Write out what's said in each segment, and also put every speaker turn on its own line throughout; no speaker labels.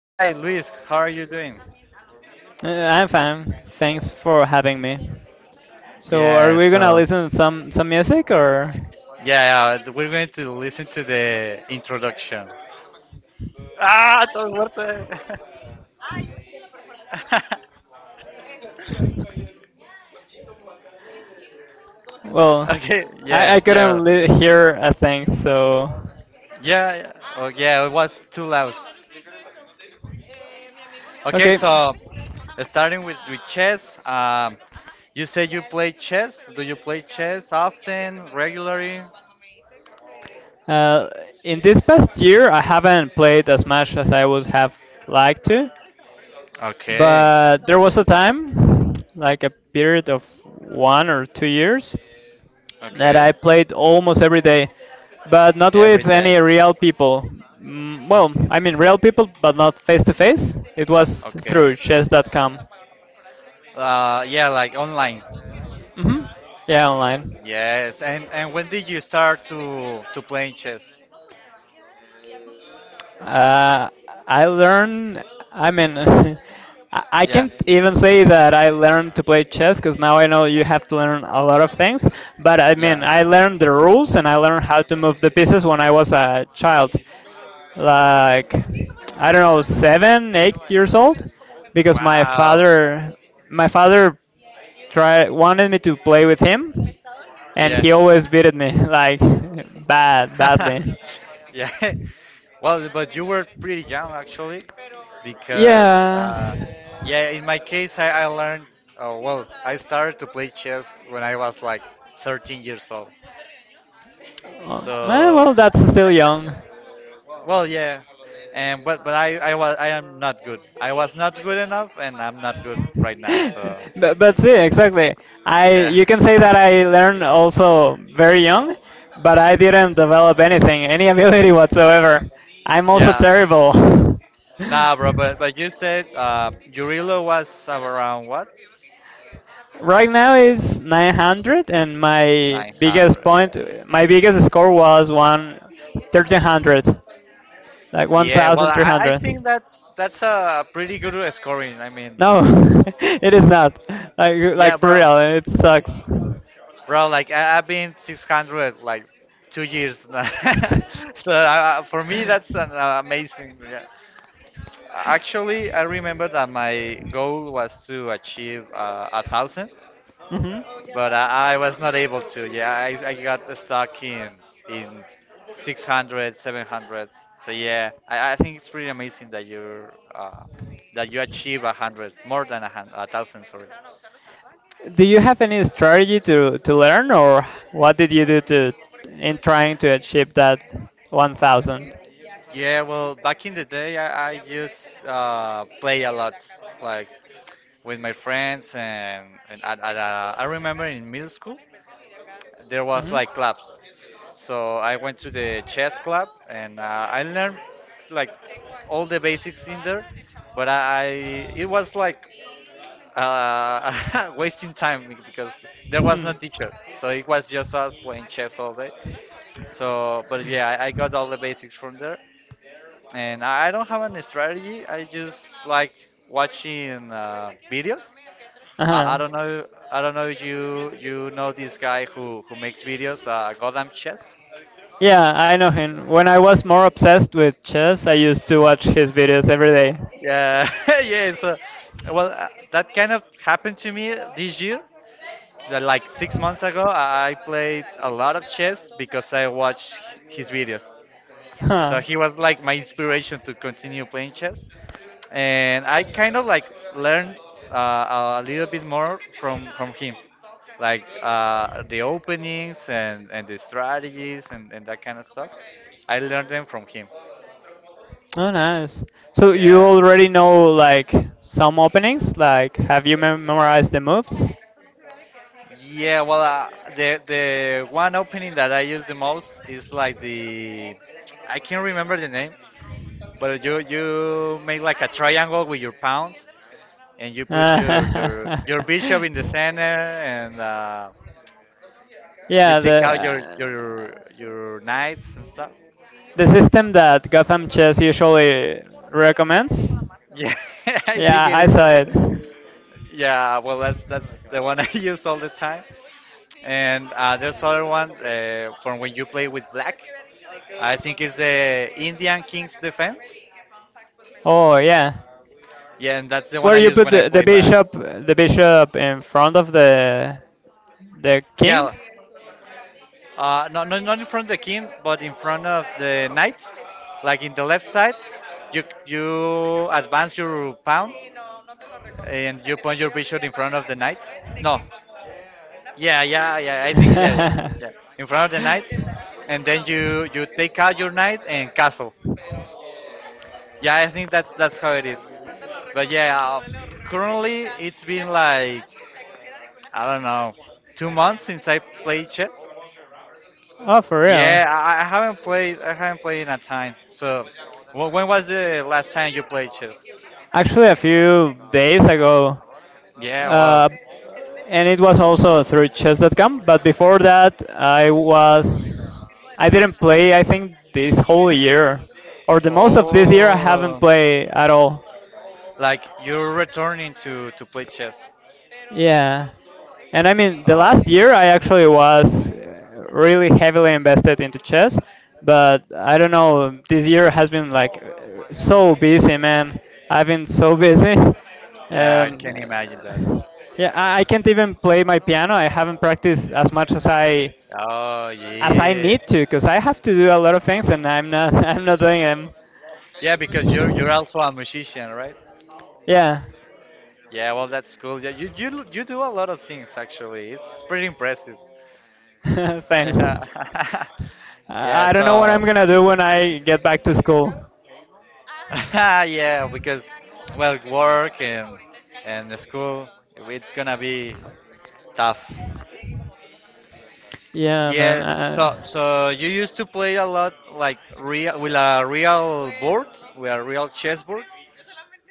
Hi, Luis. How are you doing?
I'm fine. Thanks for having me. So, are
Yeah.
we gonna
So
listen to some music or?
yeah, we're going to listen to the introduction. Ah, todo fuerte.
Well,
Okay. Yeah.
I
Yeah.
couldn't hear a thing. So,
Yeah, yeah. Oh yeah, it was too loud. Okay,
okay.
so starting with chess, you say you play chess. Do you play chess often, regularly?
Uh, in this past year, I haven't played as much as I would have liked to,
Okay,
but there was a time, like a period of 1 or 2 years, that
okay.
I played almost every day, but not
Every
with
day.
any real people. Mm, well, I mean real people, but not face to face. It was
Okay.
through chess.com.
Yeah, like online.
Hmm. Yeah, online.
Yes, and when did you start to playing chess?
Uh, I learn. I mean, I
Yeah,
can't even say that I learned to play chess because now I know you have to learn a lot of things. But I mean,
yeah.
I learned the rules and I learned how to move the pieces when I was a child, like I don't know, 7, 8 years old, because my
Wow.
father, my father tried wanted me to play with him,
Oh,
and
yeah.
he always beat me like badly.
Yeah. Well, but you were pretty young actually, because
Yeah.
yeah, in my case, I learned. Sí, well, I started to play no chess when I was like 13 years old.
Oh,
So,
well, that's still young.
well, yeah, and but I was I am not good. I was not good enough, and I'm not good right now. So,
But see, exactly. I
yeah,
You can say that I learned also very young, but I didn't develop anything, any ability whatsoever. I'm also
yeah.
terrible.
Nah, bro, but but you said Yurilo was around what?
Right now is 900, and
900. Yeah.
my biggest score was one 1300, like
Yeah. Well, I
1300.
think that's a pretty good scoring. I mean,
No, it is not. Like,
yeah,
like for
bro,
real, it sucks.
bro. Like I've been 600 like 2 years now. So for me, that's an amazing. Yeah. Actually, I remember that my goal was to achieve a thousand.
hmm
But I was not able to. Yeah, I got stuck in 600, 700. So yeah, I think it's pretty amazing that you're that you achieve a hundred, more than a hundred, a thousand. Sorry.
Do you have any strategy to learn, or what did you do to in trying to achieve that 1000?
Yeah, well, back in the day, I used play a lot, like with my friends and at I remember in middle school there was
Mm-hmm.
like clubs. So I went to the chess club and I learned like all the basics in there, but I it was like wasting time because there was
Hmm.
no teacher, so it was just us playing chess all day. So, but yeah, I got all the basics from there, and I don't have any strategy. I just like watching videos. I,
Uh-huh.
I don't know. I don't know if you know this guy who makes videos. Gotham Chess.
Yeah, I know him. When I was more obsessed with chess, I used to watch his videos every day.
Yeah, yeah. So, well, that kind of happened to me this year. That like 6 months ago, I played a lot of chess because I watched his videos. So
Huh.
he was like my inspiration to continue playing chess. And I kind of like learned a little bit more from him, like the openings and the strategies and that kind of stuff. I learned them from him.
Oh, nice. So you
Yeah.
already know like some openings? Like, have you memorized the moves?
Yeah, well, the one opening that I use the most is like the I can't remember the name, but you make like a triangle with your pawns and you put your your
yeah,
your bishop in the center and you take
the
out your
uh,
your your knights and stuff.
the system that Gotham Chess usually recommends.
Yeah, I think
Yeah,
it
I saw it.
is. Yeah, well, that's the one I use all the time. And there's other one from when you play with black. I si think it's the Indian King's Defense.
Oh, yeah.
Yeah, and that's the one
Where
I
you
use
put
when I
the, the
play back.
bishop, the bishop in front of the king?
Yeah. Not no, not in front of the king, but in front of the knight. Like in the left side, you advance your pawn and you point your bishop in front of the knight. No. Yeah, yeah, yeah. I think yeah, yeah,
oh,
yeah. In front of the knight, and then you take out your knight and castle. Yeah, I think that's how it is. But yeah, currently it's been like I don't know, 2 months since I played chess.
for real?
Yeah, I haven't played. I haven't played in a time. So, when was the last time you played chess?
Actually, a few days ago,
Yeah, wow.
uh, and it was also through chess.com. But before that, I didn't play. I think this whole year, or the most of this year, I haven't
Oh,
played at all.
like you're returning to play chess.
Yeah. And I mean, the
Oh,
last
okay.
year I actually was really heavily invested into chess, but I don't know, this year has been like so busy, man. I've been so busy.
Yeah, I
And
can imagine that.
yeah, I can't even play my piano. I haven't practiced as much as I
Oh yeah,
need to because I have to do a lot of things and I'm not I'm not doing them.
yeah, because you're also a musician, right?
Yeah.
Yeah, well that's cool. Yeah, you do a lot of things actually. It's pretty impressive.
Thanks.
Yeah, yeah.
I don't know what
So.
I'm gonna do when I get back to school.
Yeah, because well, work and the school, it's gonna be tough.
Yeah, man.
Yeah. So so you used to play a lot like real with a real board, with a real chess board,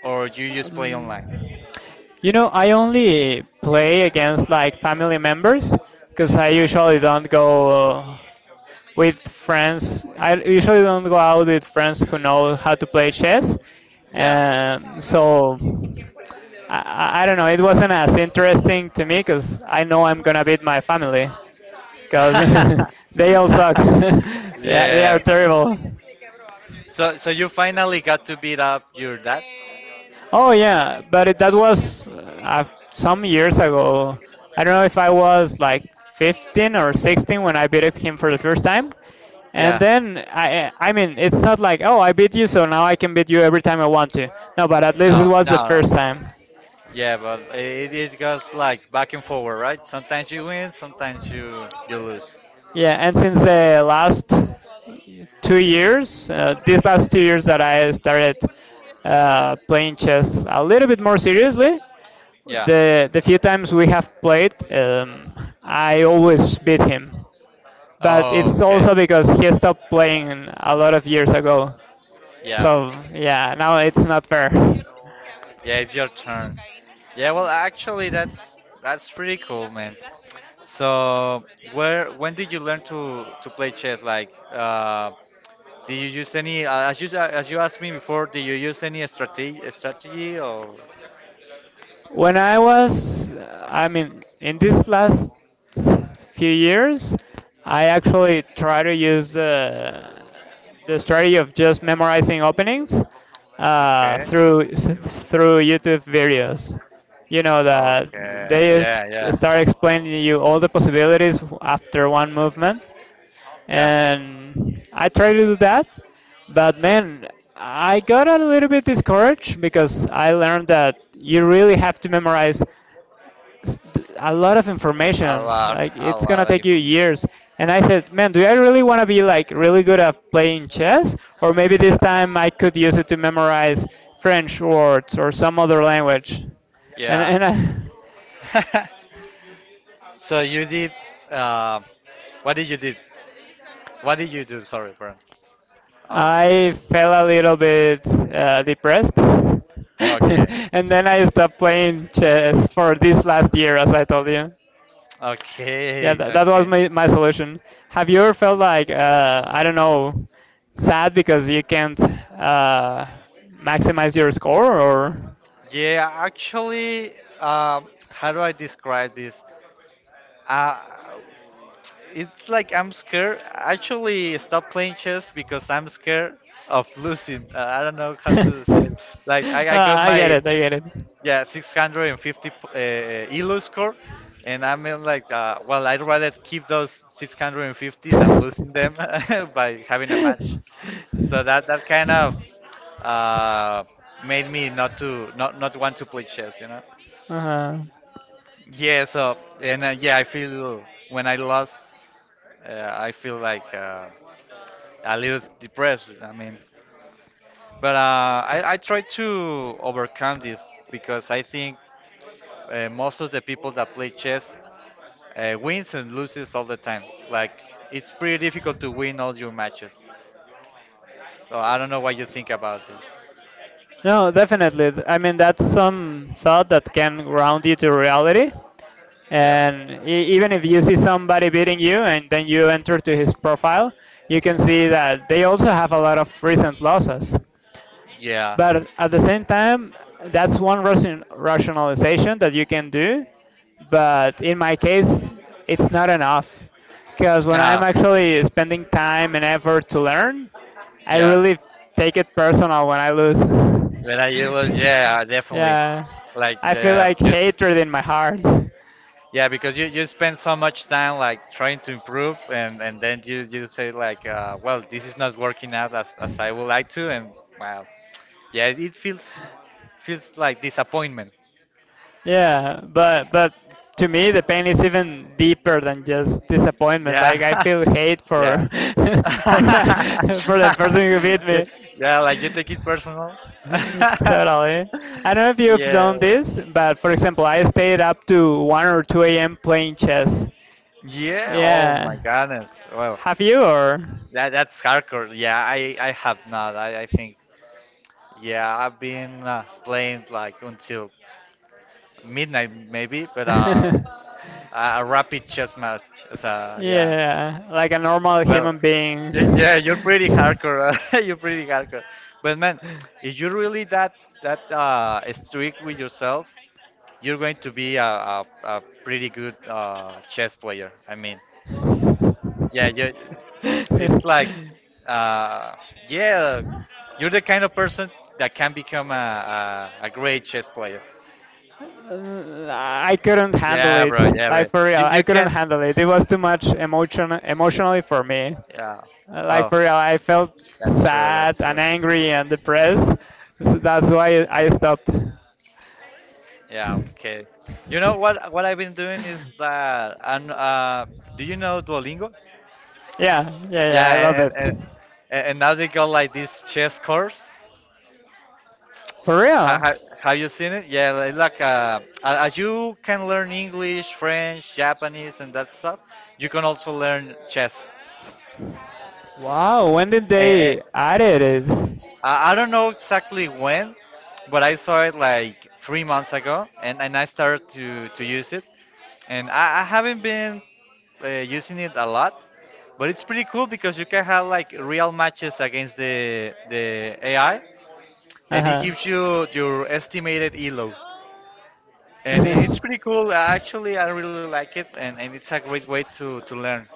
or you just play online?
um, I only play against like family members because I usually don't go with friends. I usually don't go out with friends who know how to play chess.
Yeah.
So I don't know. It wasn't as interesting to me because I know I'm gonna beat my family. Because they all suck. They are
Yeah.
terrible.
So, so you finally got to beat up your dad?
Oh yeah, but that was some years ago. I don't know if I was like 15 or 16 when I beat up him for the first time. And
Yeah.
then I mean, it's not like, "Oh, I beat you, so now I can beat you every time I want to." No, but at least it
No,
was the
no, no,
first
no.
time.
Yeah, but it goes like back and forward, right? Sometimes you win, sometimes you lose.
Yeah, and since the last 2 years, these last 2 years that I started playing chess a little bit more seriously,
Yeah.
the few times we have played, I always beat him. But
Oh,
it's
okay.
also because he stopped playing a lot of years ago.
Yeah.
So yeah, now it's not fair.
Yeah, it's your turn. Yeah, well, actually, that's pretty cool, man. So, where when did you learn to play chess? Like, did you use any? As you asked me before, did you use any strategy or?
When I was, I mean, in this last few years, I actually try to use the strategy of just memorizing openings
Okay.
uh, through s- through YouTube videos. You know that they
Okay.
ex-
Yeah. Yeah.
start explaining you all the possibilities after one movement
Yeah.
and I try to do that, but man, I got a little bit discouraged because I learned that you really have to memorize a lot of
A
information.
lot.
Like
A
it's
lot
gonna
of
take you
information.
years. And I said, man, do I really want to be like really good at playing chess, or maybe
Yeah.
this time I could use it to memorize French words or some other language, and
Yeah.
and I.
So you did. Uh, what did you did? What did you do? Sorry, Brian. Okay.
I felt a little bit depressed.
Okay.
and then I stopped playing chess for this last year, as I told you. Yeah,
Okay.
that was
Okay.
my solution. Have you ever felt like, I don't know, sad because you can't maximize your score? Or?
Yeah, actually, how do I describe this? Uh, it's like I'm scared. I actually stop playing chess because I'm scared of losing. I don't know how to say it. Like, I, I
Ah,
got
I get
my,
it, I get
yeah, 650 ELO score. And I mean, like, well, I'd rather keep those 650 than losing
it.
them by having a match. So that kind of uh, made me not to not want to play chess, you know.
uh-huh.
Yeah. So and yeah, I feel when I lost, I feel like a little depressed. I mean, but I try to overcome this because I think most of the people that play chess wins and loses all the time. Like it's pretty difficult to win all your matches. So I don't know what you think about this.
No, definitely. I mean, that's some thought that can ground you to reality.
Yeah.
And even if you see somebody beating you and then you enter to his profile, you can see that they also have a lot of recent losses.
Yeah.
But at the same time, that's one rationalization that you can do. But in my case, it's not enough. Because when
Yeah.
I'm
Ah.
actually spending time and effort to learn, I
Yeah,
really take it personal when I lose.
when I you was yeah, definitely.
yeah.
Like
I feel
yeah,
like
just
hatred in my heart.
yeah, because you spend so much time like trying to improve, and then you say like, well, this is not working out as I would like to, and wow, yeah, it feels feels like disappointment.
Yeah, but to me the pain is even deeper than just disappointment.
Yeah,
Like I feel hate for
yeah.
for for the person who beat me.
Yeah, like you take it personal.
Totally. I don't know if you've done
Yeah.
this, but for example, I stayed up to 1 or 2 a.m. playing chess.
Yeah, oh my
Yeah.
goodness. Well,
Have you or?
that that's hardcore. Yeah, I have not. I think yeah, I've been playing like until midnight maybe, but a rapid chess match. So yeah,
Yeah, like a normal
well,
human
y-
being.
yeah, you're pretty hardcore. You're pretty hardcore. But man, if you're really that strict with yourself, you're going to be a pretty good chess player. I mean, yeah, you, it's like, uh, yeah, you're the kind of person that can become a great chess player.
Uh, I couldn't handle
Yeah,
it.
bro. Yeah, bro.
Like for real,
You,
I
you
couldn't
can.
handle it. It was too much emotionally for me.
Yeah.
Like
Well,
for real, I felt
that's true.
sad
That's
and
true.
angry and depressed. So that's why I stopped.
Yeah. Okay. You know what? What I've been doing is that. And do you know Duolingo?
Yeah, yeah, yeah. I love
Yeah. And
it.
and, and and now they got like this chess course.
For
Ha,
real.
ha, have you seen it? Yeah, like as you can learn English, French, Japanese, and that stuff, you can also learn chess.
Wow. When did
Eh,
they
eh,
added it?
I don't know exactly when, but I saw it like 3 months ago, and I started to use it. And I haven't been using it a lot, but it's pretty cool because you can have like real matches against the AI,
Uh
and it
huh.
gives you your estimated elo. And it's pretty cool. Actually, I really like it, and it's a great way to learn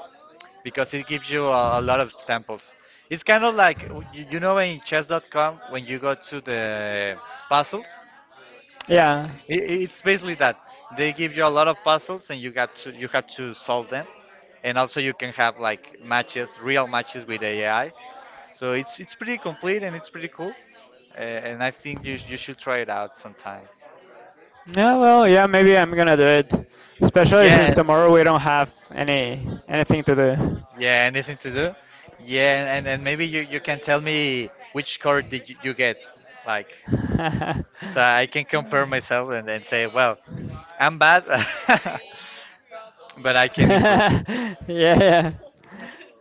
because it gives you a lot of samples. It's kind of like, you know, in chess.com, when you go to the puzzles,
yeah.
it's basically that. They give you a lot of puzzles, and you have to solve them. And also, you can have like matches, real matches with AI. So it's pretty complete and it's pretty cool. And I think you should try it out sometime.
Yeah. Well. Yeah. Maybe I'm gonna do it. Especially since
Yeah,
tomorrow we don't have anything to do.
yeah, anything to do? Yeah, and maybe you can tell me which score did you get, like, so I can compare myself and then say, well, I'm bad, but I can improve.
yeah, yeah.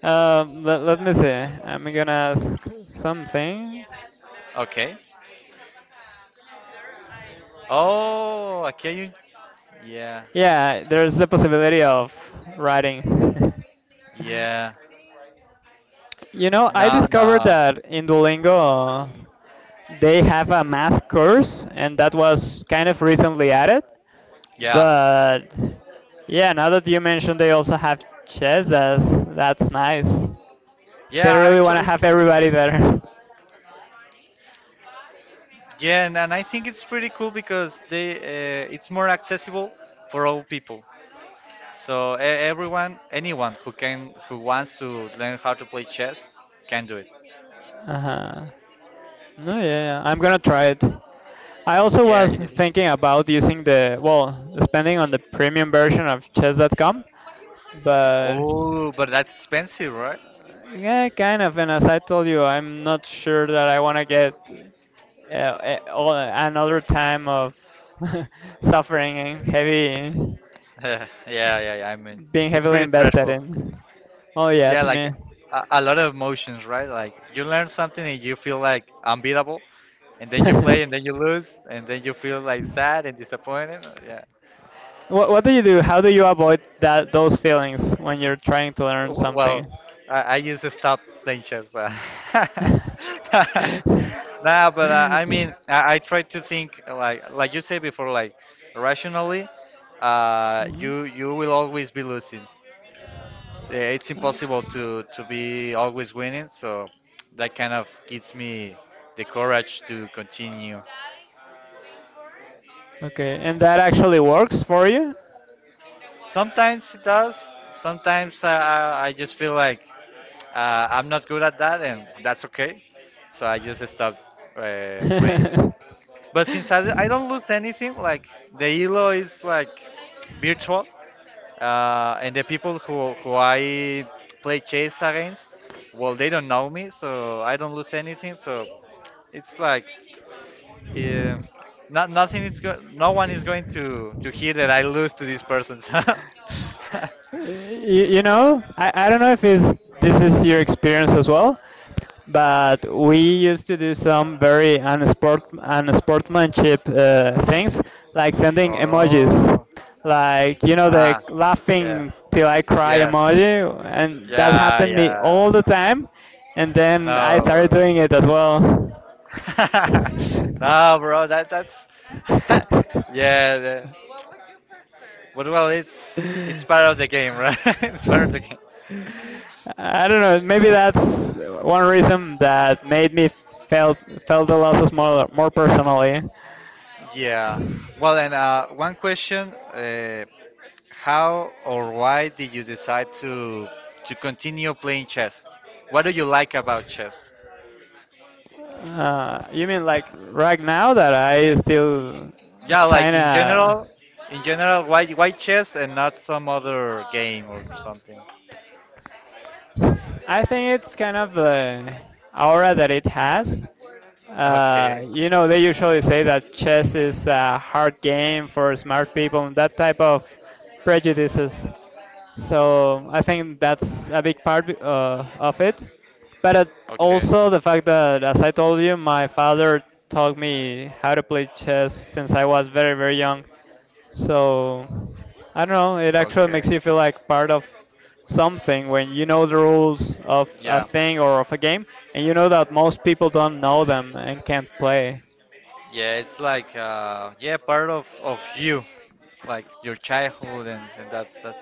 Let me see. I'm gonna ask something.
Okay. Oh, okay. You, yeah,
Yeah, there's the possibility of writing.
yeah.
You know, I
No,
discovered
no.
that in Duolingo they have a math course, and that was kind of recently added.
Yeah,
But yeah, now that you mentioned they also have chess, that's nice. They
yeah.
really want to
Actually,
have everybody there.
yeah, and I think it's pretty cool because they it's more accessible for all people. So anyone who can, who wants to learn how to play chess, can do it.
Uh-huh. No, yeah, yeah, I'm gonna try it. I also
Yeah.
was thinking about using well, spending on the premium version of chess.com, but
Oh, but that's expensive, right?
yeah, kind of. And as I told you, I'm not sure that I want to get another time of suffering and heavy.
Yeah, yeah, yeah. I mean,
Being
it's
heavily
pretty
invested
stressful.
in. Oh yeah,
Yeah,
to
like
me.
a lot of emotions, right? Like you learn something and you feel like unbeatable, and then you play and then you lose, and then you feel like sad and disappointed. Yeah.
what do you do? How do you avoid that those feelings when you're trying to learn
Well,
something?
I used to stop playing chess. Nah, but I mean, I try to think like you said before, like rationally.
Mhm.
You will always be losing. Yeah, it's
Uh,
impossible to be always winning. So that kind of gives me the courage to continue.
Okay, and that actually works for you?
Sometimes it does. Sometimes I just feel like. I'm not good at that, and that's okay. So I just stopped playing. But since I don't lose anything, like the Elo is like virtual, and the people who I play chess against, well, they don't know me, so I don't lose anything. So it's like, uh, not nothing is go- no one is going to hear that I lose to these persons.
I don't know if it's, this is your experience as well, but we used to do some very unsportsmanship things, like sending emojis,
Oh,
like, the
ah, yeah,
laughing till I cry
yeah.
emoji, and that
Yeah,
happened me
yeah.
all the time, and then I
No,
started
bro.
doing it as well.
No, bro. That that's. Yeah. The, what well, it's part of the game, right? It's part of the game.
I don't know. Maybe that's one reason that made me felt the losses more personally.
Yeah. Well, and one question: how or why did you decide to continue playing chess? What do you like about chess?
You mean like right now that I still
Yeah, like
kind of.
in general, why chess and not some other game or something?
I think it's kind of the aura that it has.
Okay,
They usually say that chess is a hard game for smart people and that type of prejudices. So I think that's a big part of it. But
okay,
also the fact that, as I told you, my father taught me how to play chess since I was very, very young. So I don't know, it actually
okay.
makes you feel like part of something when you know the rules of a
Yeah,
thing or of a game and you know that most people don't know them and can't play.
yeah. It's like yeah, part of you, like your childhood and that that's.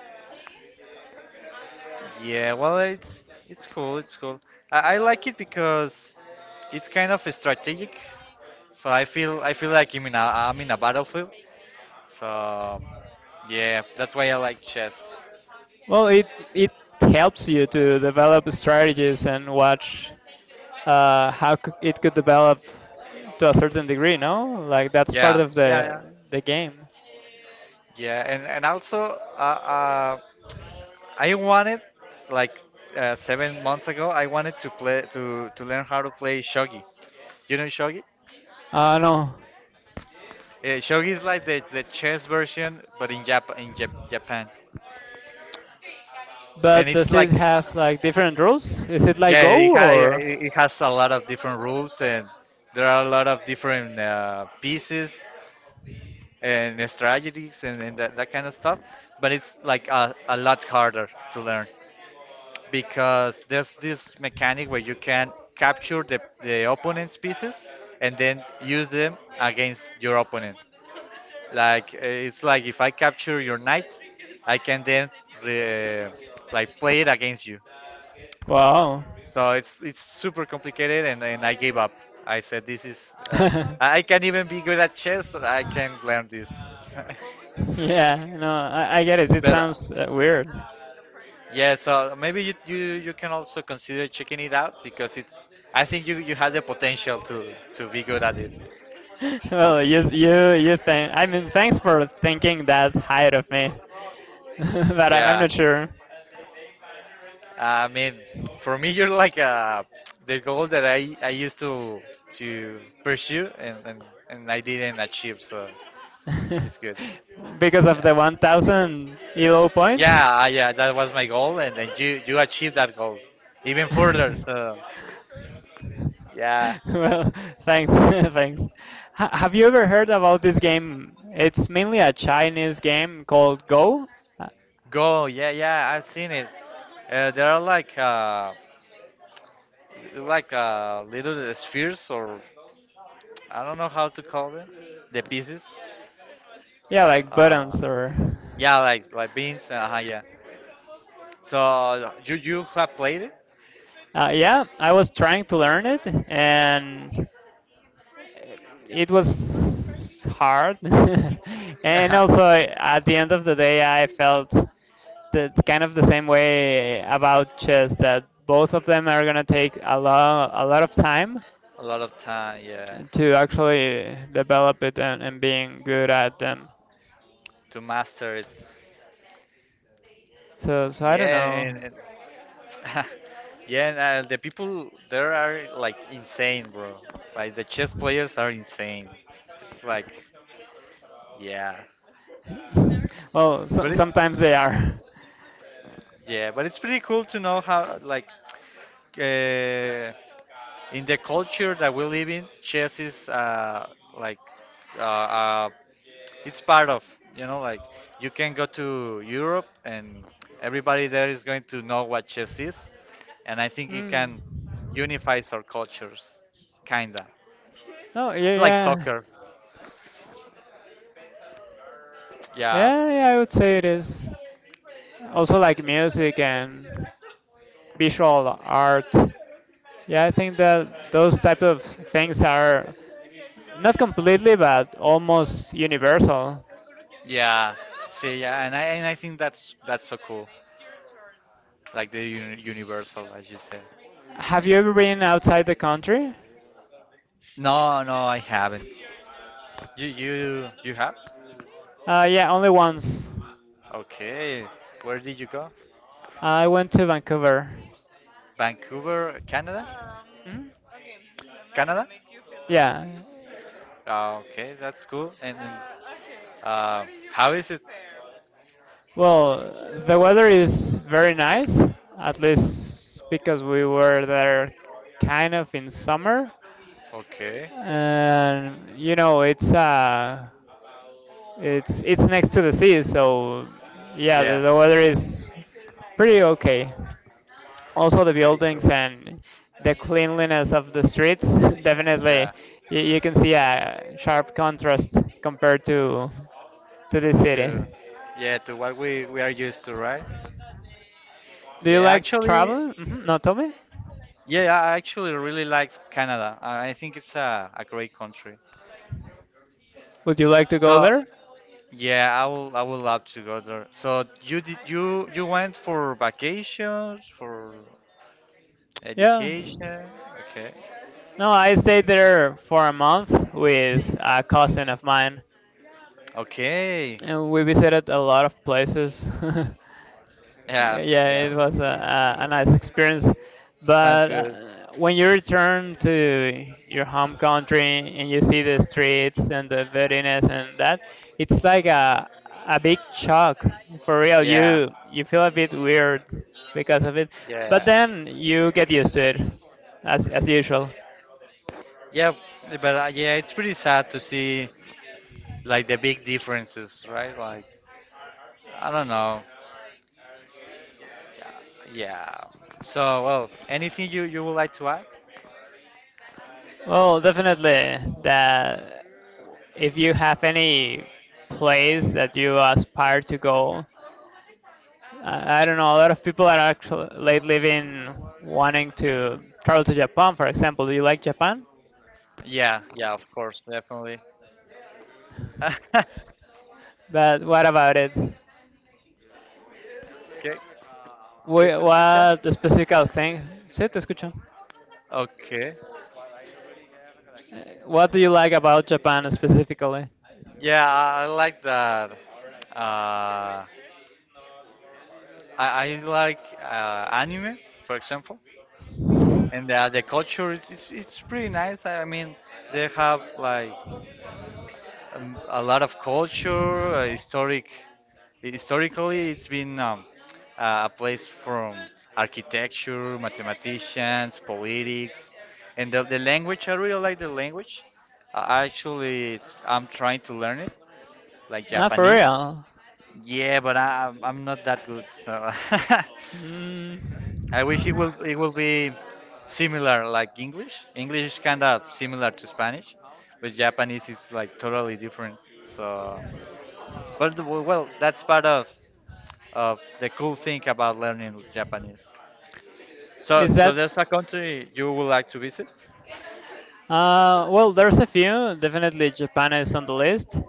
Yeah, well, it's cool. It's cool. I like it because it's kind of strategic. So I feel like I'm in a battlefield. So yeah, that's why I like chess.
Well, it helps you to develop strategies and watch it could develop to a certain degree, no? Like that's part
Yeah,
of the
yeah, yeah,
the game.
yeah. And also, I wanted like 7 months ago. I wanted to play to learn how to play shogi. You know shogi?
I know,
Shogi is like the chess version, but in Japan. And
but
it's
does it
like
have like different rules? Is it like
yeah, it,
Go
ha- it
or?
it has a lot of different rules and there are a lot of different pieces and strategies and that kind of stuff. But it's like a lot harder to learn because there's this mechanic where you can capture the opponent's pieces and then use them against your opponent. Like it's like if I capture your knight, I can then re- like play it against you.
Wow.
So it's super complicated, and I gave up. I said, this is
yeah,
I can't even be good at chess. I can't learn this.
no, I get it. It
But
sounds weird.
yeah, so maybe you, you can also consider checking it out because it's I think you you have the potential to be good at it.
Well, you think? I mean, thanks for thinking that height of me, but I'm
Yeah,
not sure
I mean, for me, you're like the goal that I used to pursue and I didn't achieve, so it's good.
because of
Yeah.
the 1,000 elo points.
Yeah, that was my goal, and then you achieved that goal, even further. So, yeah,
Well, thanks, thanks. Ha have you ever heard about this game? It's mainly a Chinese game called Go. Uh,
go, yeah, yeah, I've seen it. There are like little spheres, or I don't know how to call them, the pieces.
Yeah, like
Uh,
buttons or.
yeah, like beans. Uh-huh, yeah. So you have played it?
Yeah, I was trying to learn it, and it was hard. And
A
also, at the end of the day, I felt the kind of the same way about chess, that both of them are gonna take a lot of time
lot of time, yeah,
to actually develop it and, being good at them.
to master it.
So I
Yeah,
don't know.
and yeah, and, the people there are like insane, bro. Like the chess players are insane. It's like, yeah,
Well,
but it,
sometimes they are.
yeah, but it's pretty cool to know how like uh, in the culture that we live in, chess is like uh, uh, it's part of you know like you can go to Europe and everybody there is going to know what chess is, and I think it can
Mm.
unifies our cultures, kinda.
Oh, yeah,
It's like
yeah.
soccer. Yeah,
Yeah, yeah, I would say it is. Also, like music and visual art. Yeah, I think that those type of things are not completely, but almost universal.
yeah. See, yeah, and I think that's so cool. Like the universal, as you said.
Have you ever been outside the country?
No, no, I haven't. You you have?
Yeah, only once.
Okay. Where did you go?
I went to Vancouver.
Vancouver, Canada?
Hmm?
Canada?
Yeah.
Ah, okay, that's cool. And then, uh, how feel is it?
Well, the weather is very nice, at least because we were there kind of in summer.
Okay.
And it's it's next to the sea, so yeah,
Yeah,
the weather is pretty okay. Also the
pretty
buildings
cool.
and the cleanliness of the streets definitely
Yeah.
you can see a sharp contrast compared to the
To
city.
yeah, to what we are used to, right?
Do you
Yeah,
like
actually,
traveling? No, tell me.
yeah, I actually really like Canada. I think it's a great country.
Would you like to go
So.
there?
Yeah, I will. I would love to go there. So you did you went for vacations for
Yeah.
education? Okay.
No, I stayed there for a month with a cousin of mine.
Okay.
And we visited a lot of places.
Yeah.
Yeah,
Yeah.
it was a nice experience.
Sounds
But
good.
when you return to your home country and you see the streets and the dirtiness and that, it's like a big shock for real.
Yeah.
You feel a bit weird because of it, but
Yeah.
then you get used to it, as usual.
Yeah. But yeah, it's pretty sad to see like the big differences, right? Like I don't know. Yeah. So, well, anything you would like to add?
Well, definitely, that if you have any place that you aspire to go, I don't know, a lot of people are actually lately been wanting to travel to Japan, for example. Do you like Japan?
Yeah, yeah, of course, definitely. ¿Qué,
But what about it?
qué se escucha?
What specific thing? Sí, te escucho.
Okay.
Eh, what do you like about Japan specifically?
Yeah, I like that. Uh, I, I like anime, for example, and the culture is it's pretty nice. I mean, they have like a lot of culture. Historically, it's been a place from architecture, mathematicians, politics, and the language. I really like the language. I'm trying to learn it, like
Ah, for
Japanese.
real.
Yeah, but I'm not that good, so
Mm.
I wish it will be similar like English. English is kind of similar to Spanish, but Japanese is like totally different. So, well, that's part of the cool thing about learning Japanese. So,
Is
so
that
there's a country you would like to visit?
Well, there's a few. Definitely Japan is on the list.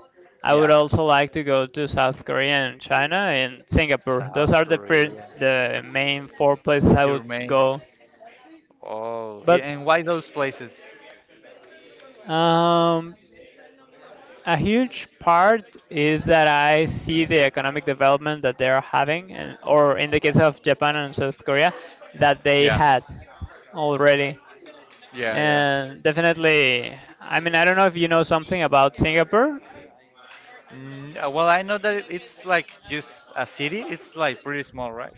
I would
Yeah,
also like to go to South Korea and China and Singapore. Those
South
are the
Korea.
the main four places I
Your
would
main.
go.
Oh,
But
and why those places?
um, a huge part is that I see the economic development that they are having, and, or in the case of Japan and South Korea, that they
Yeah,
had already.
yeah, yeah.
And definitely, I mean, I don't know if you know something about Singapore.
Mm, well, I know that it's like just a city. It's like pretty small, right?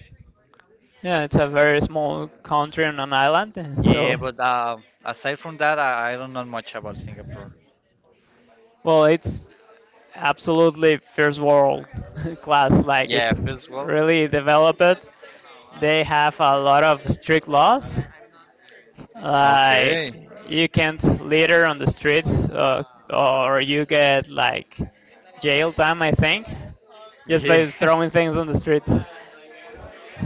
Yeah, it's a very small country on an island, so
Yeah, but aside from that, I don't know much about Singapore.
well, it's absolutely first world class. Like
Yeah,
it's
first world.
really developed. They have a lot of strict laws. Like
Okay.
you can't litter on the streets, or you get like jail time, I think, just
Yeah.
by throwing things on the streets.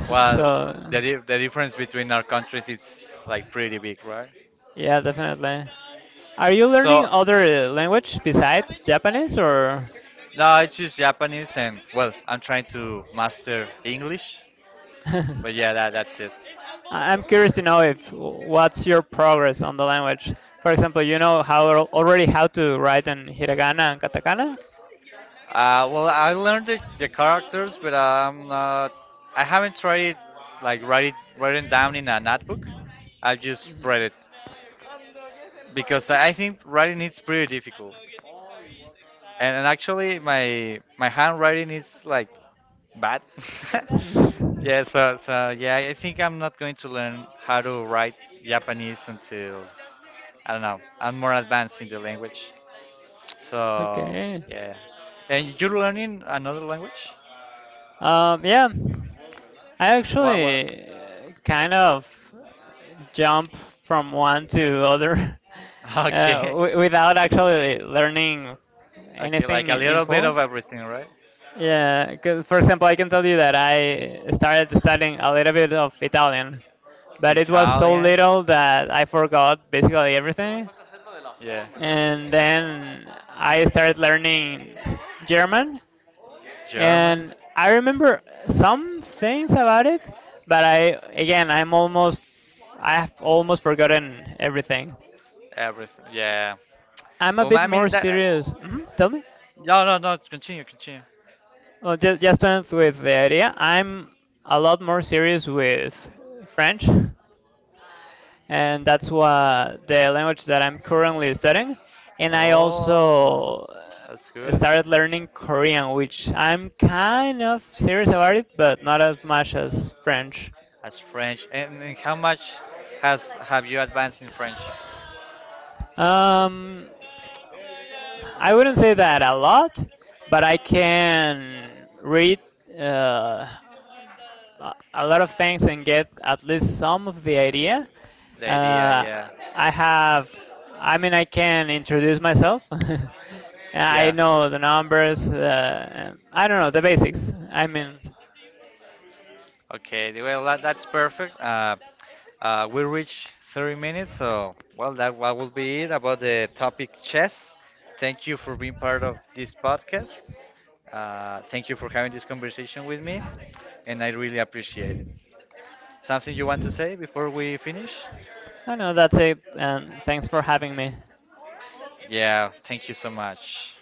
Well,
So
the difference between our countries it's like pretty big, right?
yeah, definitely. Are you
So,
learning other language besides Japanese, or
no, it's just Japanese, and well, I'm trying to master English,
I-
but yeah, that's it.
I'm curious to know if what's your progress on the language. For example, you know how already how to write in hiragana and katakana.
Well, I learned the characters, but I'm not. I haven't tried like writing down in a notebook. I've just
Mhm.
read it because I think writing it's pretty difficult, and actually my handwriting is like bad.
Mhm.
Yeah, so so yeah, I think I'm not going to learn how to write Japanese until I don't know. I'm more advanced in the language. So
Okay.
yeah, and you're learning another language?
Yeah, I
What? What?
actually kind of jump from one to other
Okay,
without actually learning
okay, like
anything
a
in
little bit
full.
of everything, right?
Yeah, because for example, I can tell you that I started studying a little bit of Italian, but it was so
Italian,
little that I forgot basically everything.
yeah,
And then I started learning German,
German,
and I remember some things about it, but I again I'm almost, I have almost forgotten everything.
everything, yeah.
I'm a
Well,
bit
I
more
mean that.
serious. Mhm, tell me.
No, no, no. Continue, continue.
Well, just to end with the idea, I'm a lot more serious with French, and that's what the language that I'm currently studying. And I
Oh,
also
that's good.
started learning Korean, which I'm kind of serious about it, but not as much as French.
That's French. And how much has have you advanced in French?
Um, I wouldn't say that a lot, but I can read uh, a lot of things and get at least some of the idea.
The idea, yeah,
Uh, I have, I mean, I can introduce myself. And I
yeah.
know the numbers. And I don't know the basics. I mean,
Okay, well, that's perfect. We reached 30 minutes, so well, that what will be it about the topic chess. Thank you for being part of this podcast. Thank you for having this conversation with me, and I really appreciate it. Something you want to say before we finish?
I know that's it. And thanks for having me.
Yeah, thank you so much.